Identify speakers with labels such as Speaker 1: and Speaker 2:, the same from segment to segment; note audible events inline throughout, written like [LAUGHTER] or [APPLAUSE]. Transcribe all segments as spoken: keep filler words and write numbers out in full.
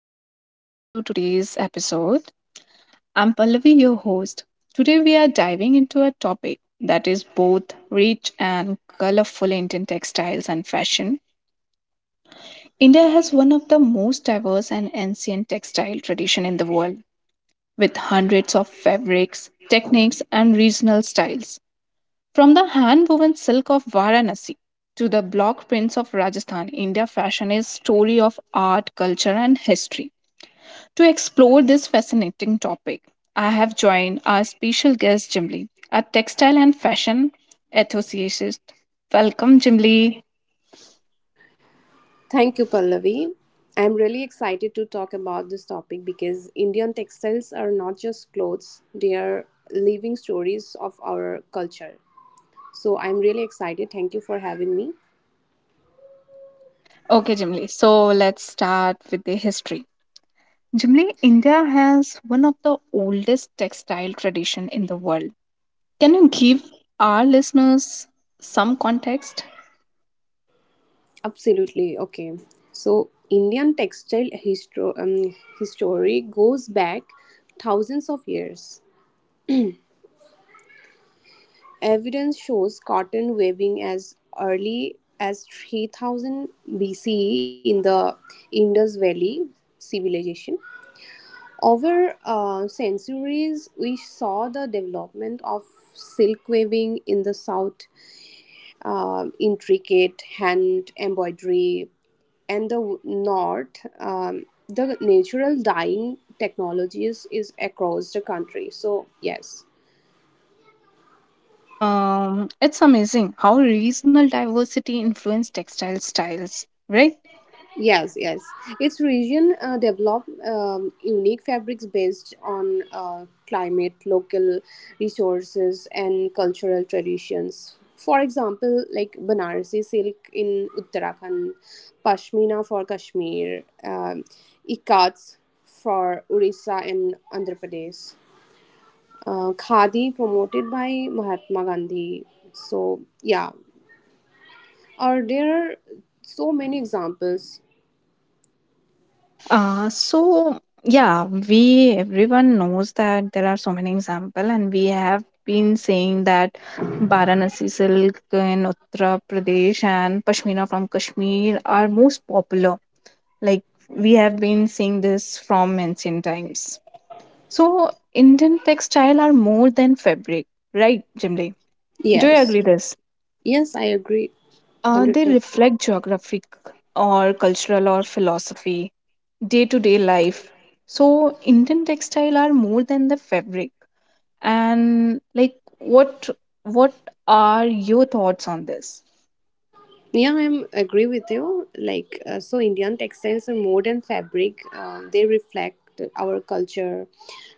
Speaker 1: and welcome to today's episode. I'm Pallavi, your host. Today, we are diving into a topic that is both rich and colorful Indian textiles and fashion. India has one of the most diverse and ancient textile tradition in the world, with hundreds of fabrics, techniques, and regional styles. From the hand-woven silk of Varanasi to the block prints of Rajasthan, India fashion is story of art, culture, and history. To explore this fascinating topic, I have joined our special guest Jimli, a textile and fashion enthusiast. Welcome, Jimli.
Speaker 2: Thank you, Pallavi. I'm really excited to talk about this topic because Indian textiles are not just clothes, they are living stories of our culture. So I'm really excited. Thank you for having me.
Speaker 1: Okay, Jimli. So let's start with the history. Jimli, India has one of the oldest textile tradition in the world. Can you give our listeners some context?
Speaker 2: Absolutely. Okay. So Indian textile histo- um, history goes back thousands of years. Evidence shows cotton weaving as early as three thousand B C E in the Indus Valley civilization. Over uh, centuries, we saw the development of silk weaving in the south, uh, intricate hand embroidery, and the w- north, um, the natural dyeing technologies is across the country. So, yes.
Speaker 1: Um, it's amazing how regional diversity influenced textile styles, right?
Speaker 2: Yes, yes. Its region uh, developed um, unique fabrics based on uh, climate, local resources, and cultural traditions. For example, like Banarasi silk in Uttarakhand, Pashmina for Kashmir, um, Ikats for Orissa and Andhra Pradesh, uh, Khadi promoted by Mahatma Gandhi. So, yeah. Or there are so many examples.
Speaker 1: Uh, so yeah, we everyone knows that there are so many example, and we have been saying that Varanasi silk in Uttar Pradesh and pashmina from Kashmir are most popular. Like we have been seeing this from ancient times. So Indian textile are more than fabric, right, Jimli? Do you
Speaker 2: Yes.
Speaker 1: agree this?
Speaker 2: Yes, I agree.
Speaker 1: Uh, they
Speaker 2: one hundred percent.
Speaker 1: reflect geographic or cultural or philosophy day to day life. So, Indian textile are more than the fabric. And like, what what are your thoughts on this?
Speaker 2: Yeah, I am agree with you. Like, uh, so Indian textiles are more than fabric. Uh, they reflect our culture,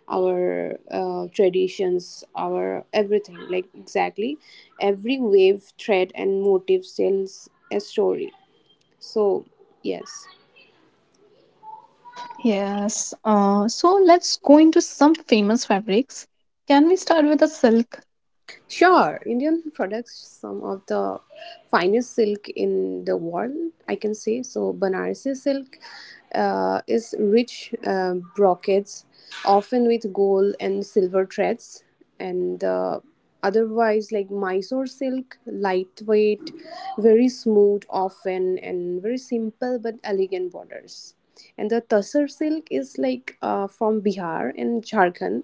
Speaker 2: our uh, traditions, our everything. Like, exactly. Every wave, thread, and motif tells a story. So, yes.
Speaker 1: Yes. Uh, so let's go into some famous fabrics. Can we start with the silk?
Speaker 2: Sure, Indian products, some of the finest silk in the world, I can say. So, Banarasi silk uh, is rich uh, brocades, often with gold and silver threads, and uh, otherwise, like Mysore silk, lightweight, very smooth, often, and very simple but elegant borders. And the Tassar silk is like uh, from Bihar and Jharkhand,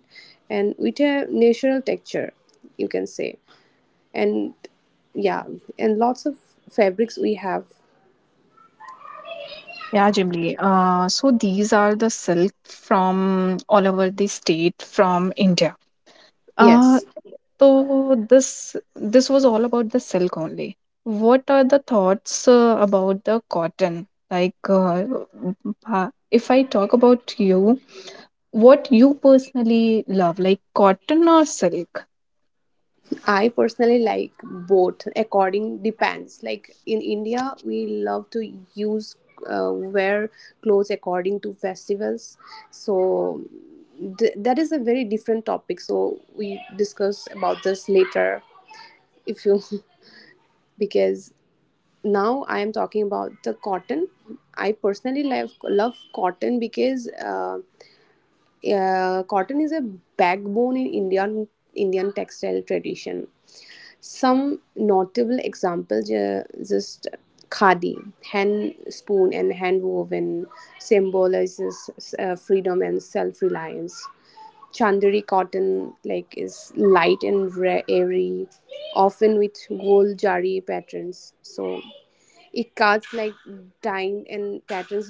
Speaker 2: and with a natural texture, you can say, and yeah, and lots of fabrics we have.
Speaker 1: Yeah, Jimli. Uh, so these are the silk from all over the state from India. Uh,
Speaker 2: Yes,
Speaker 1: so this this was all about the silk only. What are the thoughts uh, about the cotton? Like, uh, uh, if I talk about you, what you personally love, like cotton or silk?
Speaker 2: I personally like both, according, depends. Like in India, we love to use uh, wear clothes according to festivals. So th- that is a very different topic, so we discuss about this later if you [LAUGHS] because now I am talking about the cotton. I personally love love cotton because uh, Uh, cotton is a backbone in Indian Indian textile tradition. Some notable examples uh, just khadi, hand spoon and hand woven, symbolizes uh, freedom and self reliance. Chandari cotton like is light and ra- airy, often with gold jari patterns. So it cuts like dyeing and patterns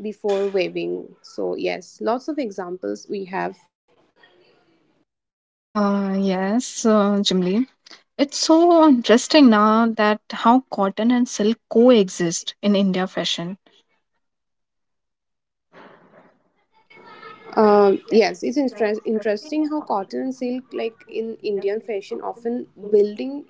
Speaker 2: before waving. So yes, lots of examples we have.
Speaker 1: Uh, yes, uh, Jimli. It's so interesting now that how cotton and silk coexist in India fashion.
Speaker 2: Um, yes, it's interest, interesting how cotton and silk, like in Indian fashion, often building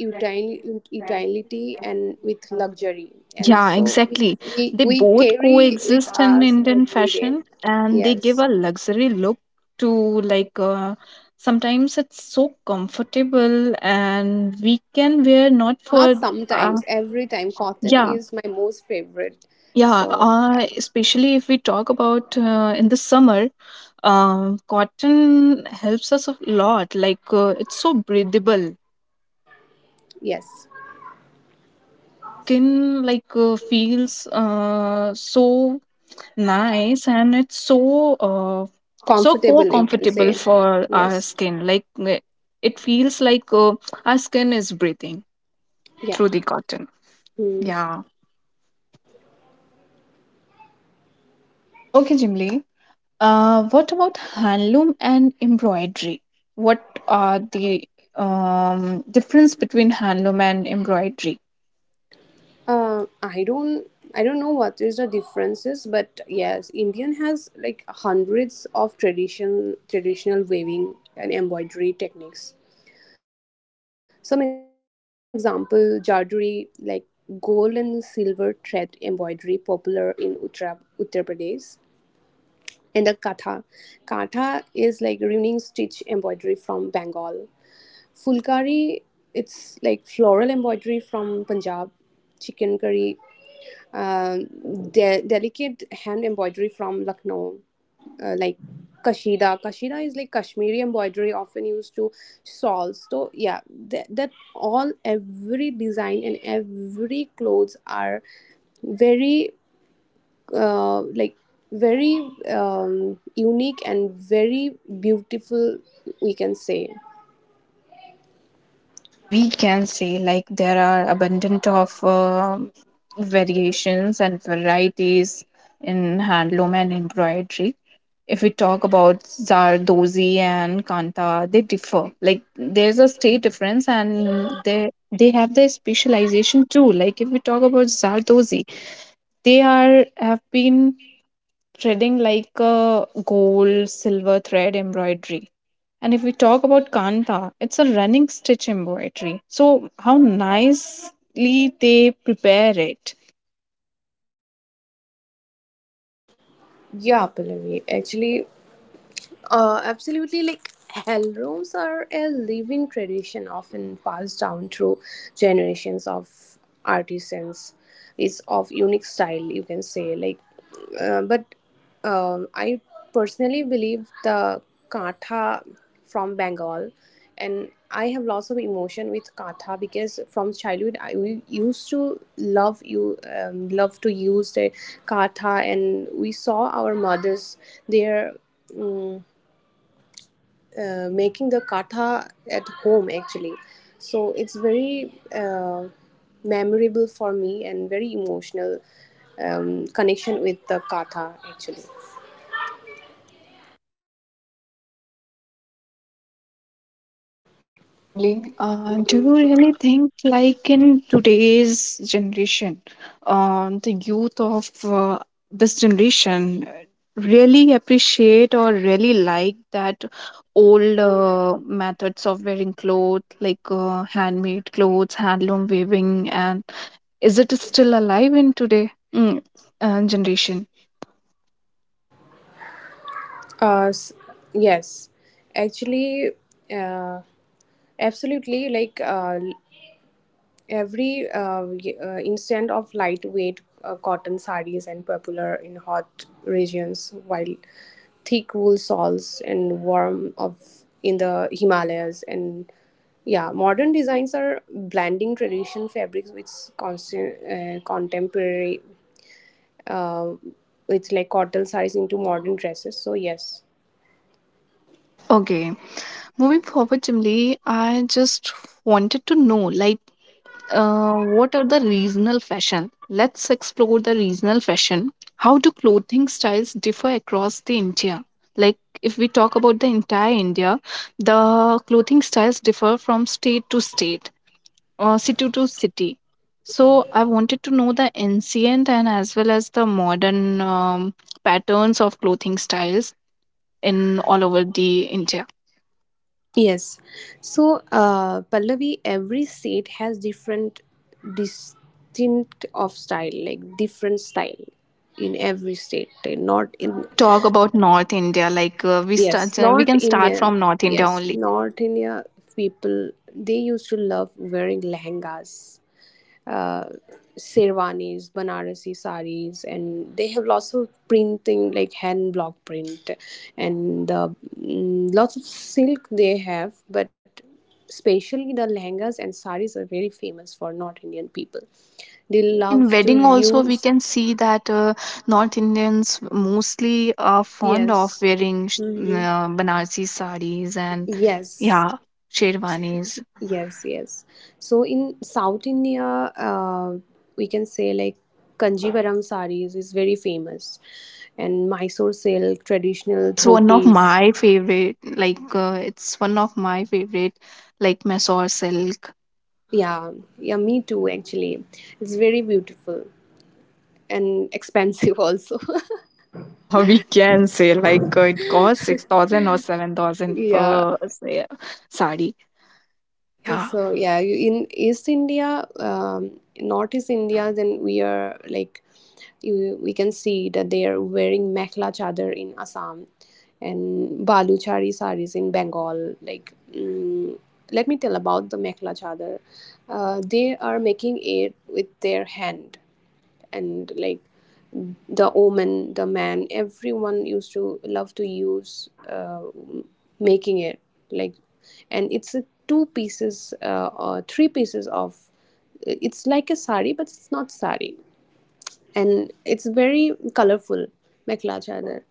Speaker 2: util- utility and with luxury, and
Speaker 1: Yeah,
Speaker 2: so we,
Speaker 1: exactly.
Speaker 2: we
Speaker 1: They
Speaker 2: we
Speaker 1: both
Speaker 2: carry with
Speaker 1: coexist in
Speaker 2: us
Speaker 1: Indian
Speaker 2: every day.
Speaker 1: fashion and they give
Speaker 2: Yes,
Speaker 1: a luxury look to like uh, sometimes it's so comfortable and we can wear not for
Speaker 2: not
Speaker 1: th- uh,
Speaker 2: sometimes, every time. Cotton
Speaker 1: yeah.
Speaker 2: is my most favorite.
Speaker 1: Yeah,
Speaker 2: So yeah,
Speaker 1: uh, especially if we talk about uh, in the summer, um, cotton helps us a lot. Like uh, it's so breathable.
Speaker 2: yes,
Speaker 1: Our skin like uh, feels uh, so nice, and it's so uh, so co
Speaker 2: comfortable you can
Speaker 1: comfortable
Speaker 2: say.
Speaker 1: for our
Speaker 2: Yes,
Speaker 1: skin. Like uh, it feels like uh, our skin is breathing
Speaker 2: yeah.
Speaker 1: through the cotton.
Speaker 2: Hmm.
Speaker 1: Yeah. Okay, Jimly. Uh, what about handloom and embroidery? What are the um, difference between handloom and embroidery?
Speaker 2: Uh, I don't I don't know what is the differences, but yes, Indian has like hundreds of traditional traditional weaving and embroidery techniques. Some example jarduri, like gold and silver thread embroidery popular in Uttar Uttar Pradesh. And the katha. Katha is like running stitch embroidery from Bengal. Fulkari, it's like floral embroidery from Punjab. Chicken curry, uh, de- delicate hand embroidery from Lucknow, uh, like Kashida. Kashida is like Kashmiri embroidery, often used to shawls. So yeah, that, that all every design and every clothes are very uh, like very um, unique and very beautiful. We can say.
Speaker 1: Yeah, we can say like there are abundant of um variations and varieties in handloom and embroidery. If we talk about Zardozi and Kanta, they differ. Like there's a state difference, and they they have their specialization too. Like if we talk about Zardozi, they are have been threading like a gold silver thread embroidery, and if we talk about kanta, it's a running stitch embroidery. So how nicely they prepare it.
Speaker 2: Yeah, Pallavi. Actually, Uh, absolutely. Like hell rooms are a living tradition, often passed down through generations of artisans. It's of unique style, you can say. Like, uh, but um, I personally believe the katha from Bengal, and I have lots of emotion with katha because from childhood I we used to love you um, love to use the katha, and we saw our mothers their. Mm, uh, Making the katha at home actually, so it's very uh, memorable for me and very emotional um, connection with the katha actually.
Speaker 1: Okay, Chimli. Uh, do you really think, like in today's generation, uh, the youth of uh, this generation really appreciate or really like that old uh, methods of wearing clothes, like uh, handmade clothes, handloom weaving, and is it still alive in today mm, uh, generation?
Speaker 2: uh, s- yes, actually, uh, absolutely. Like, uh, every uh, y- uh, instant of lightweight uh, cotton sarees and popular in hot regions, while thick wool shawls and warm of in the Himalayas. And yeah, modern designs are blending traditional fabrics with constant, uh, contemporary, with like cotton sarees into modern dresses. So yes.
Speaker 1: Okay, moving forward, Chimli, I just wanted to know, like uh, what are the regional fashion? Let's explore the regional fashion. How do clothing styles differ across the India? Like if we talk about the entire India, the clothing styles differ from state to state or city to city. So I wanted to know the ancient and as well as the modern um, patterns of clothing styles in all over the India.
Speaker 2: Yes. So, uh, Pallavi, every state has different distinct of style, like different style in every state. eh, Not
Speaker 1: Hi, if
Speaker 2: in,
Speaker 1: we talk about North India, like uh, we start,
Speaker 2: yes,
Speaker 1: we
Speaker 2: not
Speaker 1: can start
Speaker 2: Indian.
Speaker 1: from North India
Speaker 2: Yes,
Speaker 1: only.
Speaker 2: not India people. They used to love wearing lehengas, uh, sherwanis, Banarasi saris, and they have lots of printing like hand block print and the mm, lots of silk they have, but especially the lehengas and saris are very famous for North Indian people. They
Speaker 1: Yeah, in
Speaker 2: love to
Speaker 1: wedding also we
Speaker 2: use.
Speaker 1: can see that uh, North Indians mostly are fond of
Speaker 2: Yes.
Speaker 1: wearing sh-
Speaker 2: Mhm.
Speaker 1: uh, Banarsi sarees and
Speaker 2: Yes,
Speaker 1: yeah, sherwanis.
Speaker 2: Yes, yes. So in South India, uh, we can say like Kanjivaram sarees is very famous, and Mysore silk,
Speaker 1: Ah,
Speaker 2: traditional
Speaker 1: it's one of
Speaker 2: dhotis.
Speaker 1: my favorite. Like uh, it's one of my favorite, like Mysore silk.
Speaker 2: Yeah, yeah, me too. Actually, it's very beautiful and expensive also.
Speaker 1: Yeah, [LAUGHS] we can say like uh, it costs six thousand or seven thousand
Speaker 2: [LAUGHS] Yeah.
Speaker 1: per yeah, sari. Yeah.
Speaker 2: So yeah, you- in East India, um, North East India, then we are like you, we can see that they are wearing mekhla chador in Assam and baluchari saris in Bengal. Like, mm, let me tell about the mekhla chador. Uh, they are making it with their hand, and like the omen the man everyone used to love to use uh, making it, like, and it's a two pieces uh, or three pieces of, it's like a sari but it's not sari, and it's very colorful, mekhla chador.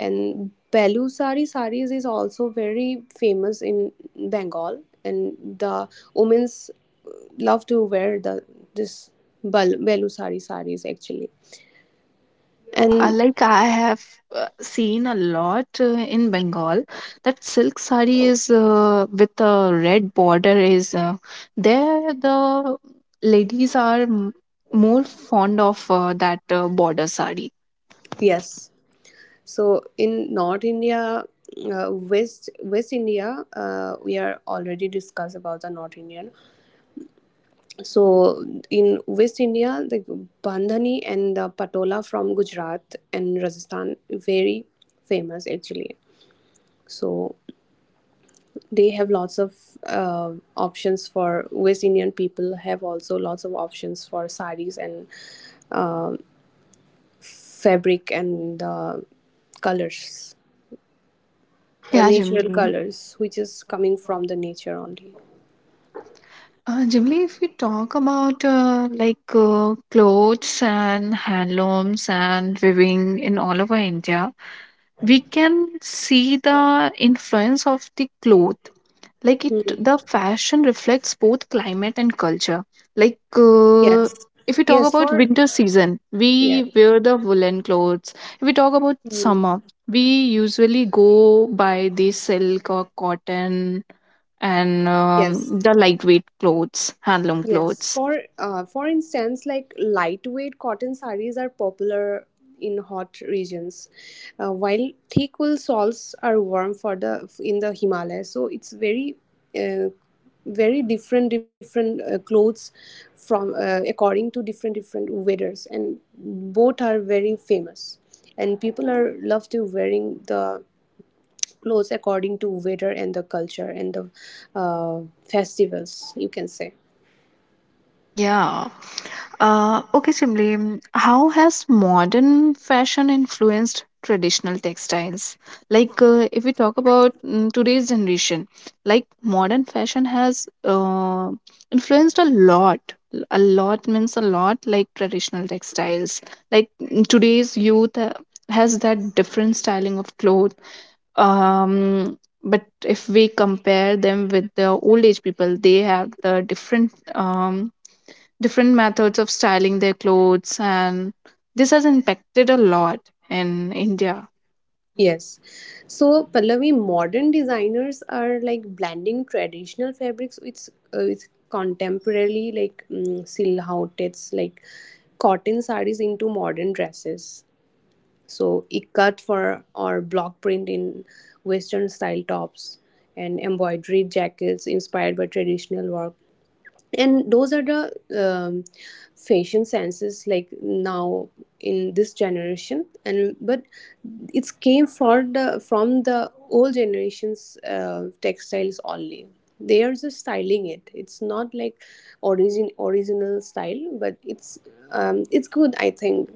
Speaker 2: And belusari saris is also very famous in Bengal, and the women's uh, love to wear the this bal- belusari saris actually.
Speaker 1: Yeah, uh,
Speaker 2: And
Speaker 1: like I have uh, seen a lot uh, in Bengal that silk sari is uh, with a red border is uh, there the ladies are m- more fond of uh, that uh, border sari.
Speaker 2: yes, so in North India, uh, west west India, uh, we are already discussed about the North Indian. So
Speaker 1: Yeah,
Speaker 2: in West India, the bandhani and the patola from Gujarat and Rajasthan, very famous actually. So they have lots of uh, options for West Indian people, have also lots of options for saris and fabric and the colors, the
Speaker 1: yeah,
Speaker 2: natural
Speaker 1: Jimli.
Speaker 2: colors, which is coming from the nature only.
Speaker 1: Uh, Jimli, if we talk about uh, like uh, clothes and handlooms and weaving in all over India, we can see the influence of the cloth. Like it
Speaker 2: Hmm.
Speaker 1: the fashion reflects both climate and culture. Like uh,
Speaker 2: Yes,
Speaker 1: if we talk
Speaker 2: yes,
Speaker 1: about
Speaker 2: for
Speaker 1: winter season, we
Speaker 2: yes.
Speaker 1: wear the woolen clothes. If we talk about
Speaker 2: Hmm.
Speaker 1: summer, we usually go by the silk or cotton and
Speaker 2: Yes.
Speaker 1: um, the lightweight clothes, handloom
Speaker 2: Yes,
Speaker 1: clothes.
Speaker 2: for uh, for instance, like lightweight cotton sarees are popular in hot regions, uh, while thick wool shawls are warm for the in the Himalayas. So it's very, uh, very different different uh, clothes from uh, according to different different weathers, and both are very famous, and people are love to wearing the clothes according to weather and the culture and the uh, festivals. You can say.
Speaker 1: Yeah. Uh, okay, Simli, mm, how has modern fashion influenced traditional textiles? Like, uh, if we talk about mm, today's generation, like modern fashion has uh, influenced a lot. A lot means a lot, like traditional textiles. Like mm, today's youth uh, has that different styling of clothes. Um, but if we compare them with the old age people, they have the different um, different methods of styling their clothes, and this has impacted a lot in India.
Speaker 2: Yes. So Pallavi, modern designers are like blending traditional fabrics with uh, with contemporary like um, silhouettes, like cotton sarees into modern dresses. So ikat for or block print in Western style tops and embroidery jackets inspired by traditional work. And those are the um, fashion senses like now in this generation and, but it's came for the from the old generations uh, textiles only. They are just styling it, it's not like origin original style, but it's um, it's good, I think.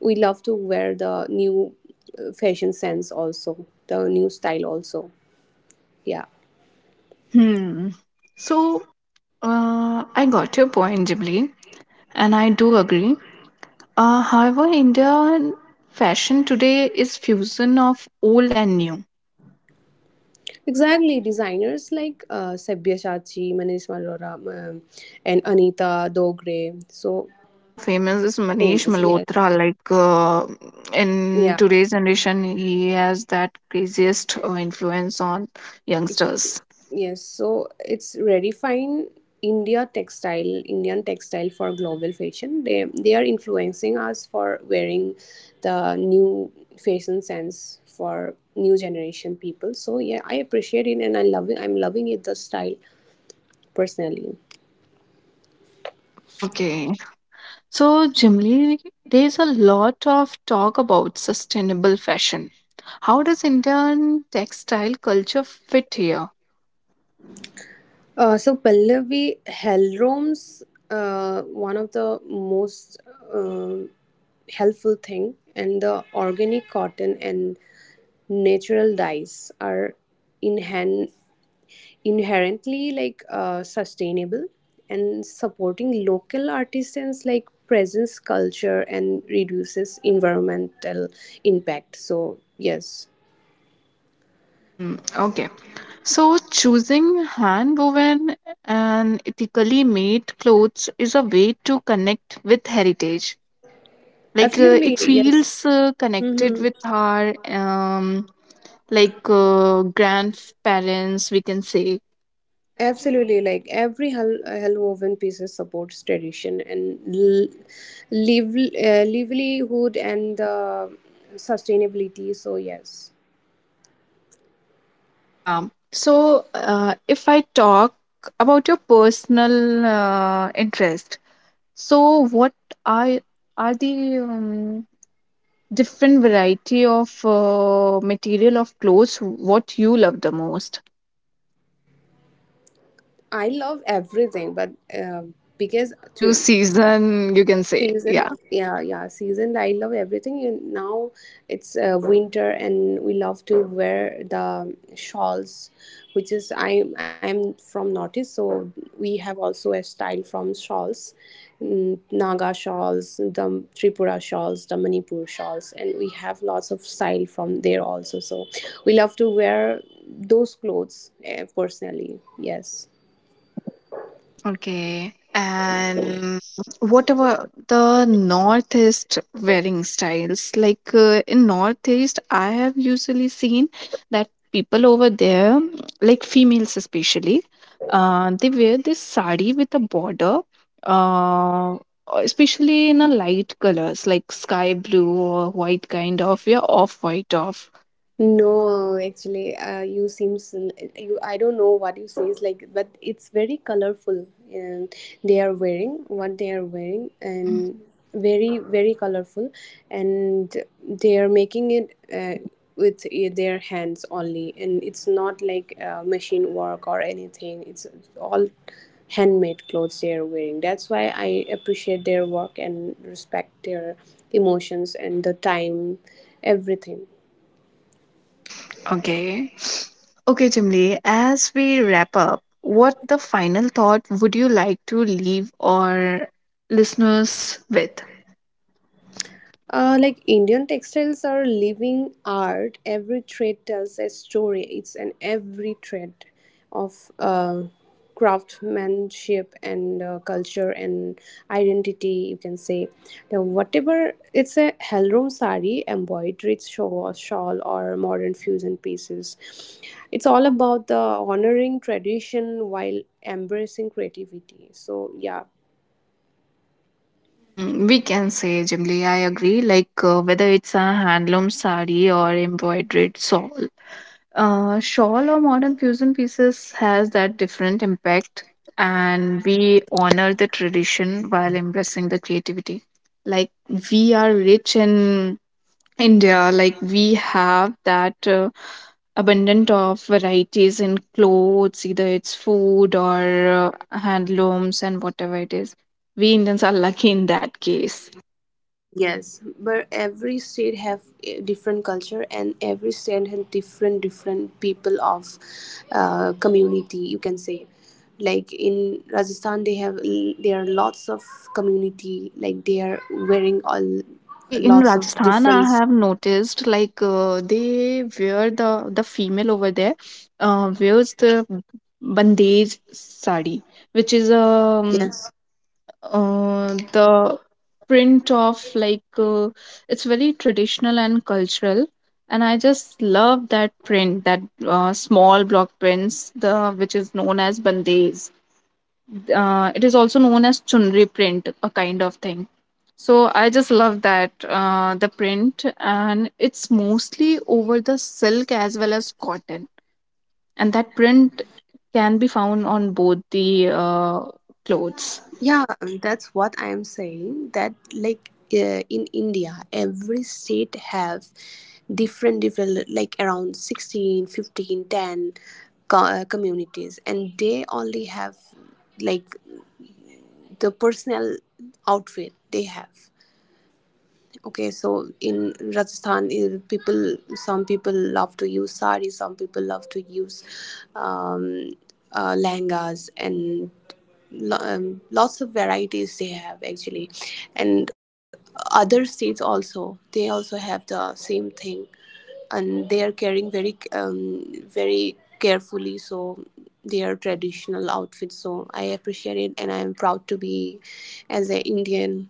Speaker 2: We love to wear the new uh, fashion sense also, the new style also, yeah.
Speaker 1: Hmm. So uh, I got your point, Jibli, and I do agree. Uh, however, Indian fashion today is fusion of old and new.
Speaker 2: Exactly, designers like uh, Sabyasachi, Manish Malhotra, um, and Anita Dogre, so
Speaker 1: Uh, one of the famous is Manish
Speaker 2: famous. Yes,
Speaker 1: Malhotra. Like uh, in
Speaker 2: yeah,
Speaker 1: today's generation, he has that craziest uh, influence on
Speaker 2: it-
Speaker 1: youngsters.
Speaker 2: yes. So it's redefining India textile, Indian textile for global fashion. They they are influencing us for wearing the new fashion sense for new generation people. So yeah, I appreciate it and I love it. I'm loving it, the style, personally.
Speaker 1: Okay. So, generally, there's a lot of talk about sustainable fashion. How does Indian textile culture fit here?
Speaker 2: Uh, so Pallavi, Helrom's uh, one of the most um helpful thing, and the organic cotton and natural dyes are inhan- inherently like uh, sustainable, and supporting local artisans like presents culture and reduces environmental impact. So yes,
Speaker 1: Mm, okay. So, choosing hand woven and ethically made clothes is a way to connect with heritage. Like, uh,
Speaker 2: absolutely
Speaker 1: it
Speaker 2: yes.
Speaker 1: feels uh, connected
Speaker 2: Mm-hmm.
Speaker 1: with our, um, like, uh, grandparents, we can say.
Speaker 2: Absolutely, like every hel- woven pieces supports tradition and l- liv- uh, livelihood and uh, sustainability. So yes,
Speaker 1: Yeah. So, uh, if I talk about your personal uh, interest, so what are are the um, different variety of uh, material of clothes what you love the most?
Speaker 2: I love everything, but uh, because
Speaker 1: According to
Speaker 2: to
Speaker 1: season, you can say,
Speaker 2: season,
Speaker 1: yeah.
Speaker 2: yeah, yeah, season, I love everything. You now it's uh, winter and we love to wear the shawls, which is i i'm from Northeast. So we have also a style from shawls, mm, Naga shawls, the Tripura shawls, the Manipur shawls, and we have lots of style from there also. So we love to wear those clothes, eh, personally, yes.
Speaker 1: Okay. And what about the Northeast wearing styles? Like uh, in Northeast, I have usually seen that people over there, like females especially, uh, they wear this sari with a border, uh, especially in a light colors like sky blue or white kind of, yeah, off white off.
Speaker 2: No, actually, uh, you seems you. I don't know what you say is like, but it's very colorful, and they are
Speaker 1: Okay.
Speaker 2: wearing what they are wearing, and very very colorful, and they are making it uh, with i- their hands only, and it's not like uh, machine work or anything. It's all handmade clothes they are wearing. That's why I appreciate their work and respect their emotions and the time, everything.
Speaker 1: Okay. Okay, Jimli, as we wrap up, what the final thought would you like to leave our listeners with?
Speaker 2: Uh, like Indian textiles are living art. Every thread tells a story. It's an every thread of uh, craftsmanship and uh, culture and identity. You can say now, whatever it's a Helrom sari, embroidered shawl, shawl or modern fusion pieces. It's all about the honoring tradition while embracing creativity. So yeah,
Speaker 1: Mm, we can say, Jimli, I agree. Like uh, whether it's a handloom sari or embroidered shawl, uh, shawl or modern fusion pieces has that different impact, and we honor the tradition while embracing the creativity. Like we are rich in India, like we have that uh, abundant of varieties in clothes, either it's food or uh, handlooms and whatever it is. We Indians are lucky in that case.
Speaker 2: yes, but every state have a different culture and every state have different different people of uh, community. You can say, like in Rajasthan, they have there are lots of community. Like they are wearing all
Speaker 1: Ah, they in
Speaker 2: lots of
Speaker 1: Rajasthan, I
Speaker 2: different.
Speaker 1: have noticed like uh, they wear the the female over there uh, wears the bandage sari, which is um,
Speaker 2: Yes,
Speaker 1: uh, the print of like uh, it's very traditional and cultural, and I just love that print. That uh, small block prints the which is known as bandes, uh, it is also known as chunri print, a kind of thing. So I just love that uh, the print, and it's mostly over the silk as well as cotton, and that print can be found on both the uh, clothes.
Speaker 2: yeah, um, that's what I'm saying. That like uh, in India, every state have different different like around sixteen, fifteen, ten co- uh, communities, and they only have like the personal outfit they have. Okay, so in Rajasthan, eh, people some people love to use sari, some people love to use um, uh, lehengas, and lo- um, lots of varieties they have actually, and other states also they also have the same thing, and they are carrying very um, very carefully. So their traditional outfits. So I appreciate it, and I am proud to be as an Indian.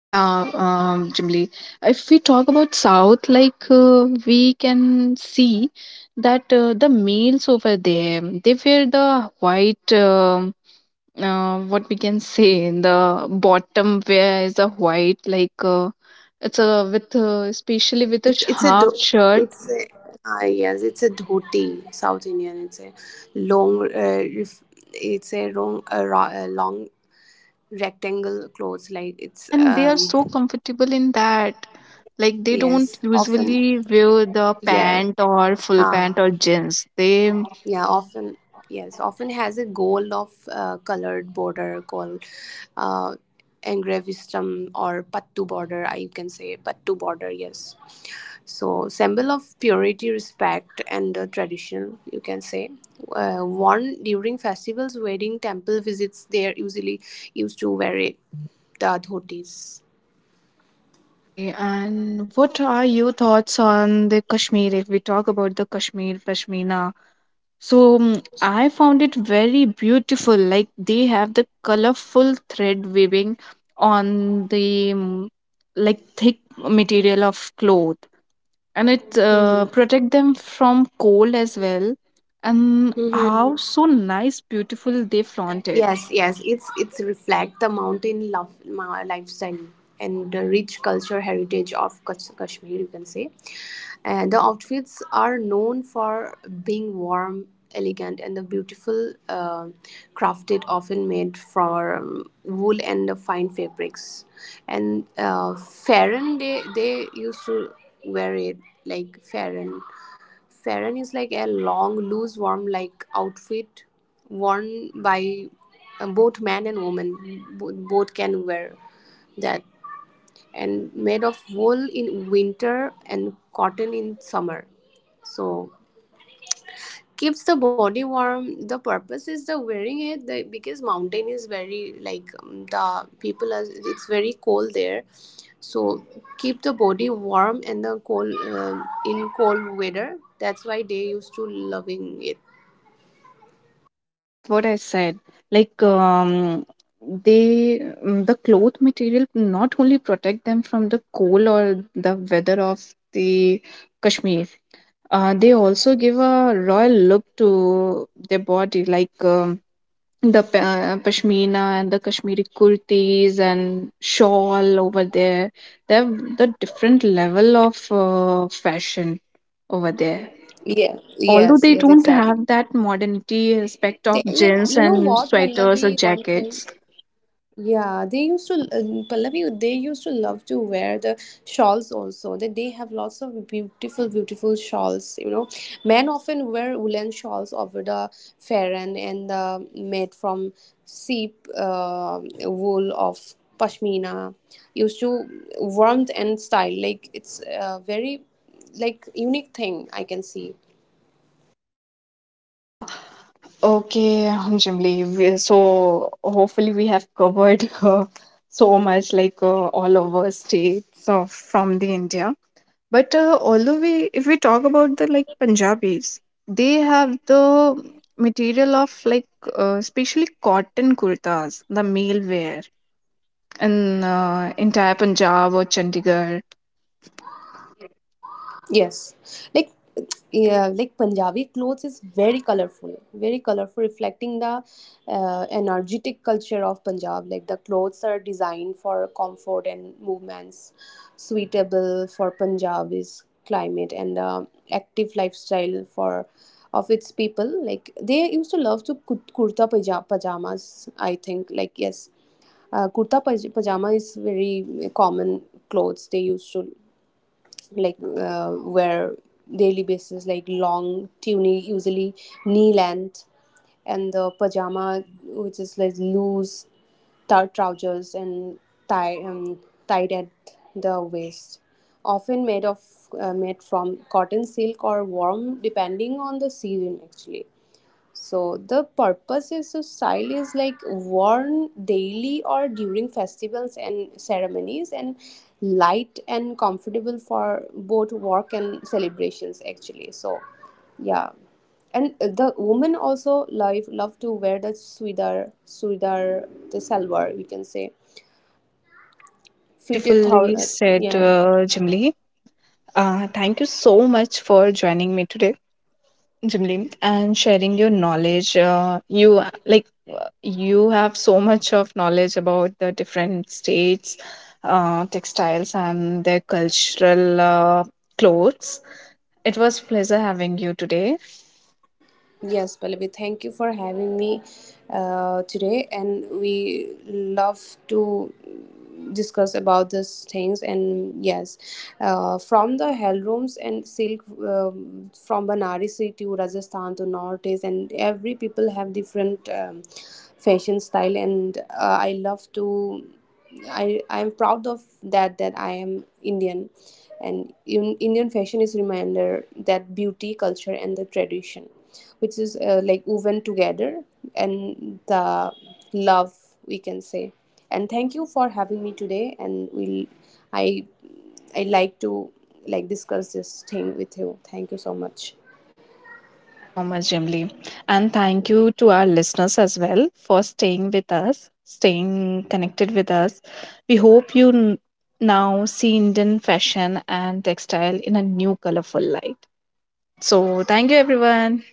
Speaker 1: Yeah, um, Jimli. If we talk about South, like uh, we can see that uh, the males over there, they wear the white, um uh, what we can say, the bottom wear is a white, like uh, it's a with, uh, especially with a
Speaker 2: It's it's a
Speaker 1: half
Speaker 2: dho-
Speaker 1: shirt.
Speaker 2: it's a ah Yes, it's a dhoti, South Indian. It's a long, uh, ref- it's a long, a, ra- a long rectangle clothes. Like
Speaker 1: Yeah,
Speaker 2: it's
Speaker 1: and they are so
Speaker 2: um
Speaker 1: comfortable in that. Like they don't
Speaker 2: yes, often
Speaker 1: usually wear the
Speaker 2: yes,
Speaker 1: pant or full pant
Speaker 2: ah
Speaker 1: or jeans. They
Speaker 2: yeah, often yes, often has a gold of uh, colored border called uh engravistum or pattu border. I can say pattu border. Yes. So symbol of purity respect and uh, tradition you can say, uh, worn during festivals wedding temple visits they are usually used to wear it, the dhotis.
Speaker 1: yeah, Jimli. And what are your thoughts on the Kashmir? If we talk about the Kashmir Pashmina, so mm, I found it very beautiful. Like they have the colorful thread weaving on the mm, like thick material of cloth, and it uh, protect them from cold as well. And how
Speaker 2: Hmm.
Speaker 1: so nice, beautiful they flaunt it.
Speaker 2: Yes, yes, it's it's reflect the mountain love ma- lifestyle and the rich culture heritage of Kash- Kashmir, you can say. And the outfits are known for being warm, elegant, and the beautiful uh, crafted, often made from wool and the fine fabrics. And uh, Farron, they they used to wear it like Farron. Farron is like a long, loose, warm like outfit worn by uh, both man and woman. Bo- Both can wear that. And made of wool in winter and cotton in summer. So keeps the body warm, the purpose is the wearing it the, because mountain is very like um, the people are it's very cold there, so keep the body warm and the cold um in cold weather that's why they used to loving it.
Speaker 1: Yeah, that's what I said. Like, um, they mm, the cloth material not only protect them from the cold or the weather of the Kashmir, uh, they also give a royal look to their body, like um, the pa- uh, pashmina and the Kashmiri kurtis and shawl over there. They have the different level of uh, fashion over there,
Speaker 2: Yeah, yes,
Speaker 1: although they
Speaker 2: yes,
Speaker 1: don't
Speaker 2: exactly.
Speaker 1: have that modernity aspect
Speaker 2: They,
Speaker 1: of
Speaker 2: you
Speaker 1: jeans
Speaker 2: you know
Speaker 1: and
Speaker 2: what
Speaker 1: sweaters
Speaker 2: Pallavi
Speaker 1: or
Speaker 2: one thing.
Speaker 1: jackets.
Speaker 2: Yeah, they used to, uh, Pallavi, they used to love to wear the shawls also. They, they have lots of beautiful, beautiful shawls, you know. Men often wear woolen shawls over the farron and the made from sheep uh, wool of pashmina. Used to warmth and style, like it's a very like unique thing I can see.
Speaker 1: Yeah, okay, um, Jimli. we- So hopefully we have covered [LAUGHS] uh, so much like uh, all over states of from the India. But uh, although we, if we talk about the like Punjabis, they have the material of like uh, especially cotton kurtas, the male wear in uh, entire Punjab or Chandigarh.
Speaker 2: Yes, like yeah, like Punjabi clothes is very colorful, very colorful, reflecting the uh, energetic culture of Punjab. Like the clothes are designed for comfort and movements, suitable for Punjabi's climate and uh, active lifestyle for of its people. Like they used to love to kur- kurta paja- pajamas. I think like yes, uh, kurta paj- pajama is very common clothes they used to like uh, wear daily basis like long tunic usually knee length and the pajama which is like loose tar- trousers and tie um, tied at the waist, often made of uh, made from cotton silk or warm depending on the season actually. So the purpose is so style is like worn daily or during festivals and ceremonies and light and comfortable for both work and celebrations actually. So yeah. And uh, the women also love love to wear the sudar sudar the salwar we can say fitted thou
Speaker 1: Beautifully
Speaker 2: uh,
Speaker 1: said,
Speaker 2: yeah.
Speaker 1: uh, Jimli. Uh, thank you so much for joining me today, Jimli, and sharing your knowledge. Uh, you uh, like uh, you have so much of knowledge about the different states, uh, textiles, and their cultural uh, clothes. It was pleasure having you today.
Speaker 2: Yes, Pallavi, thank you for having me uh, today. And we love to discuss about these things. And yes, uh, from the hell rooms and silk um, from Banarasi to Rajasthan to Northeast, and every people have different um, fashion style. And uh, I love to. I I am proud of that that I am Indian, and in, Indian fashion is reminder that beauty, culture, and the tradition, which is uh, like woven together, and the love we can say. And thank you for having me today. And we'll I I like to like discuss this thing with you. Thank you so much.
Speaker 1: Thank you so much, Jimly. And thank you to our listeners as well for staying with us, staying connected with us. We hope you n- now see Indian fashion and textile in a new colorful light. So, thank you, everyone.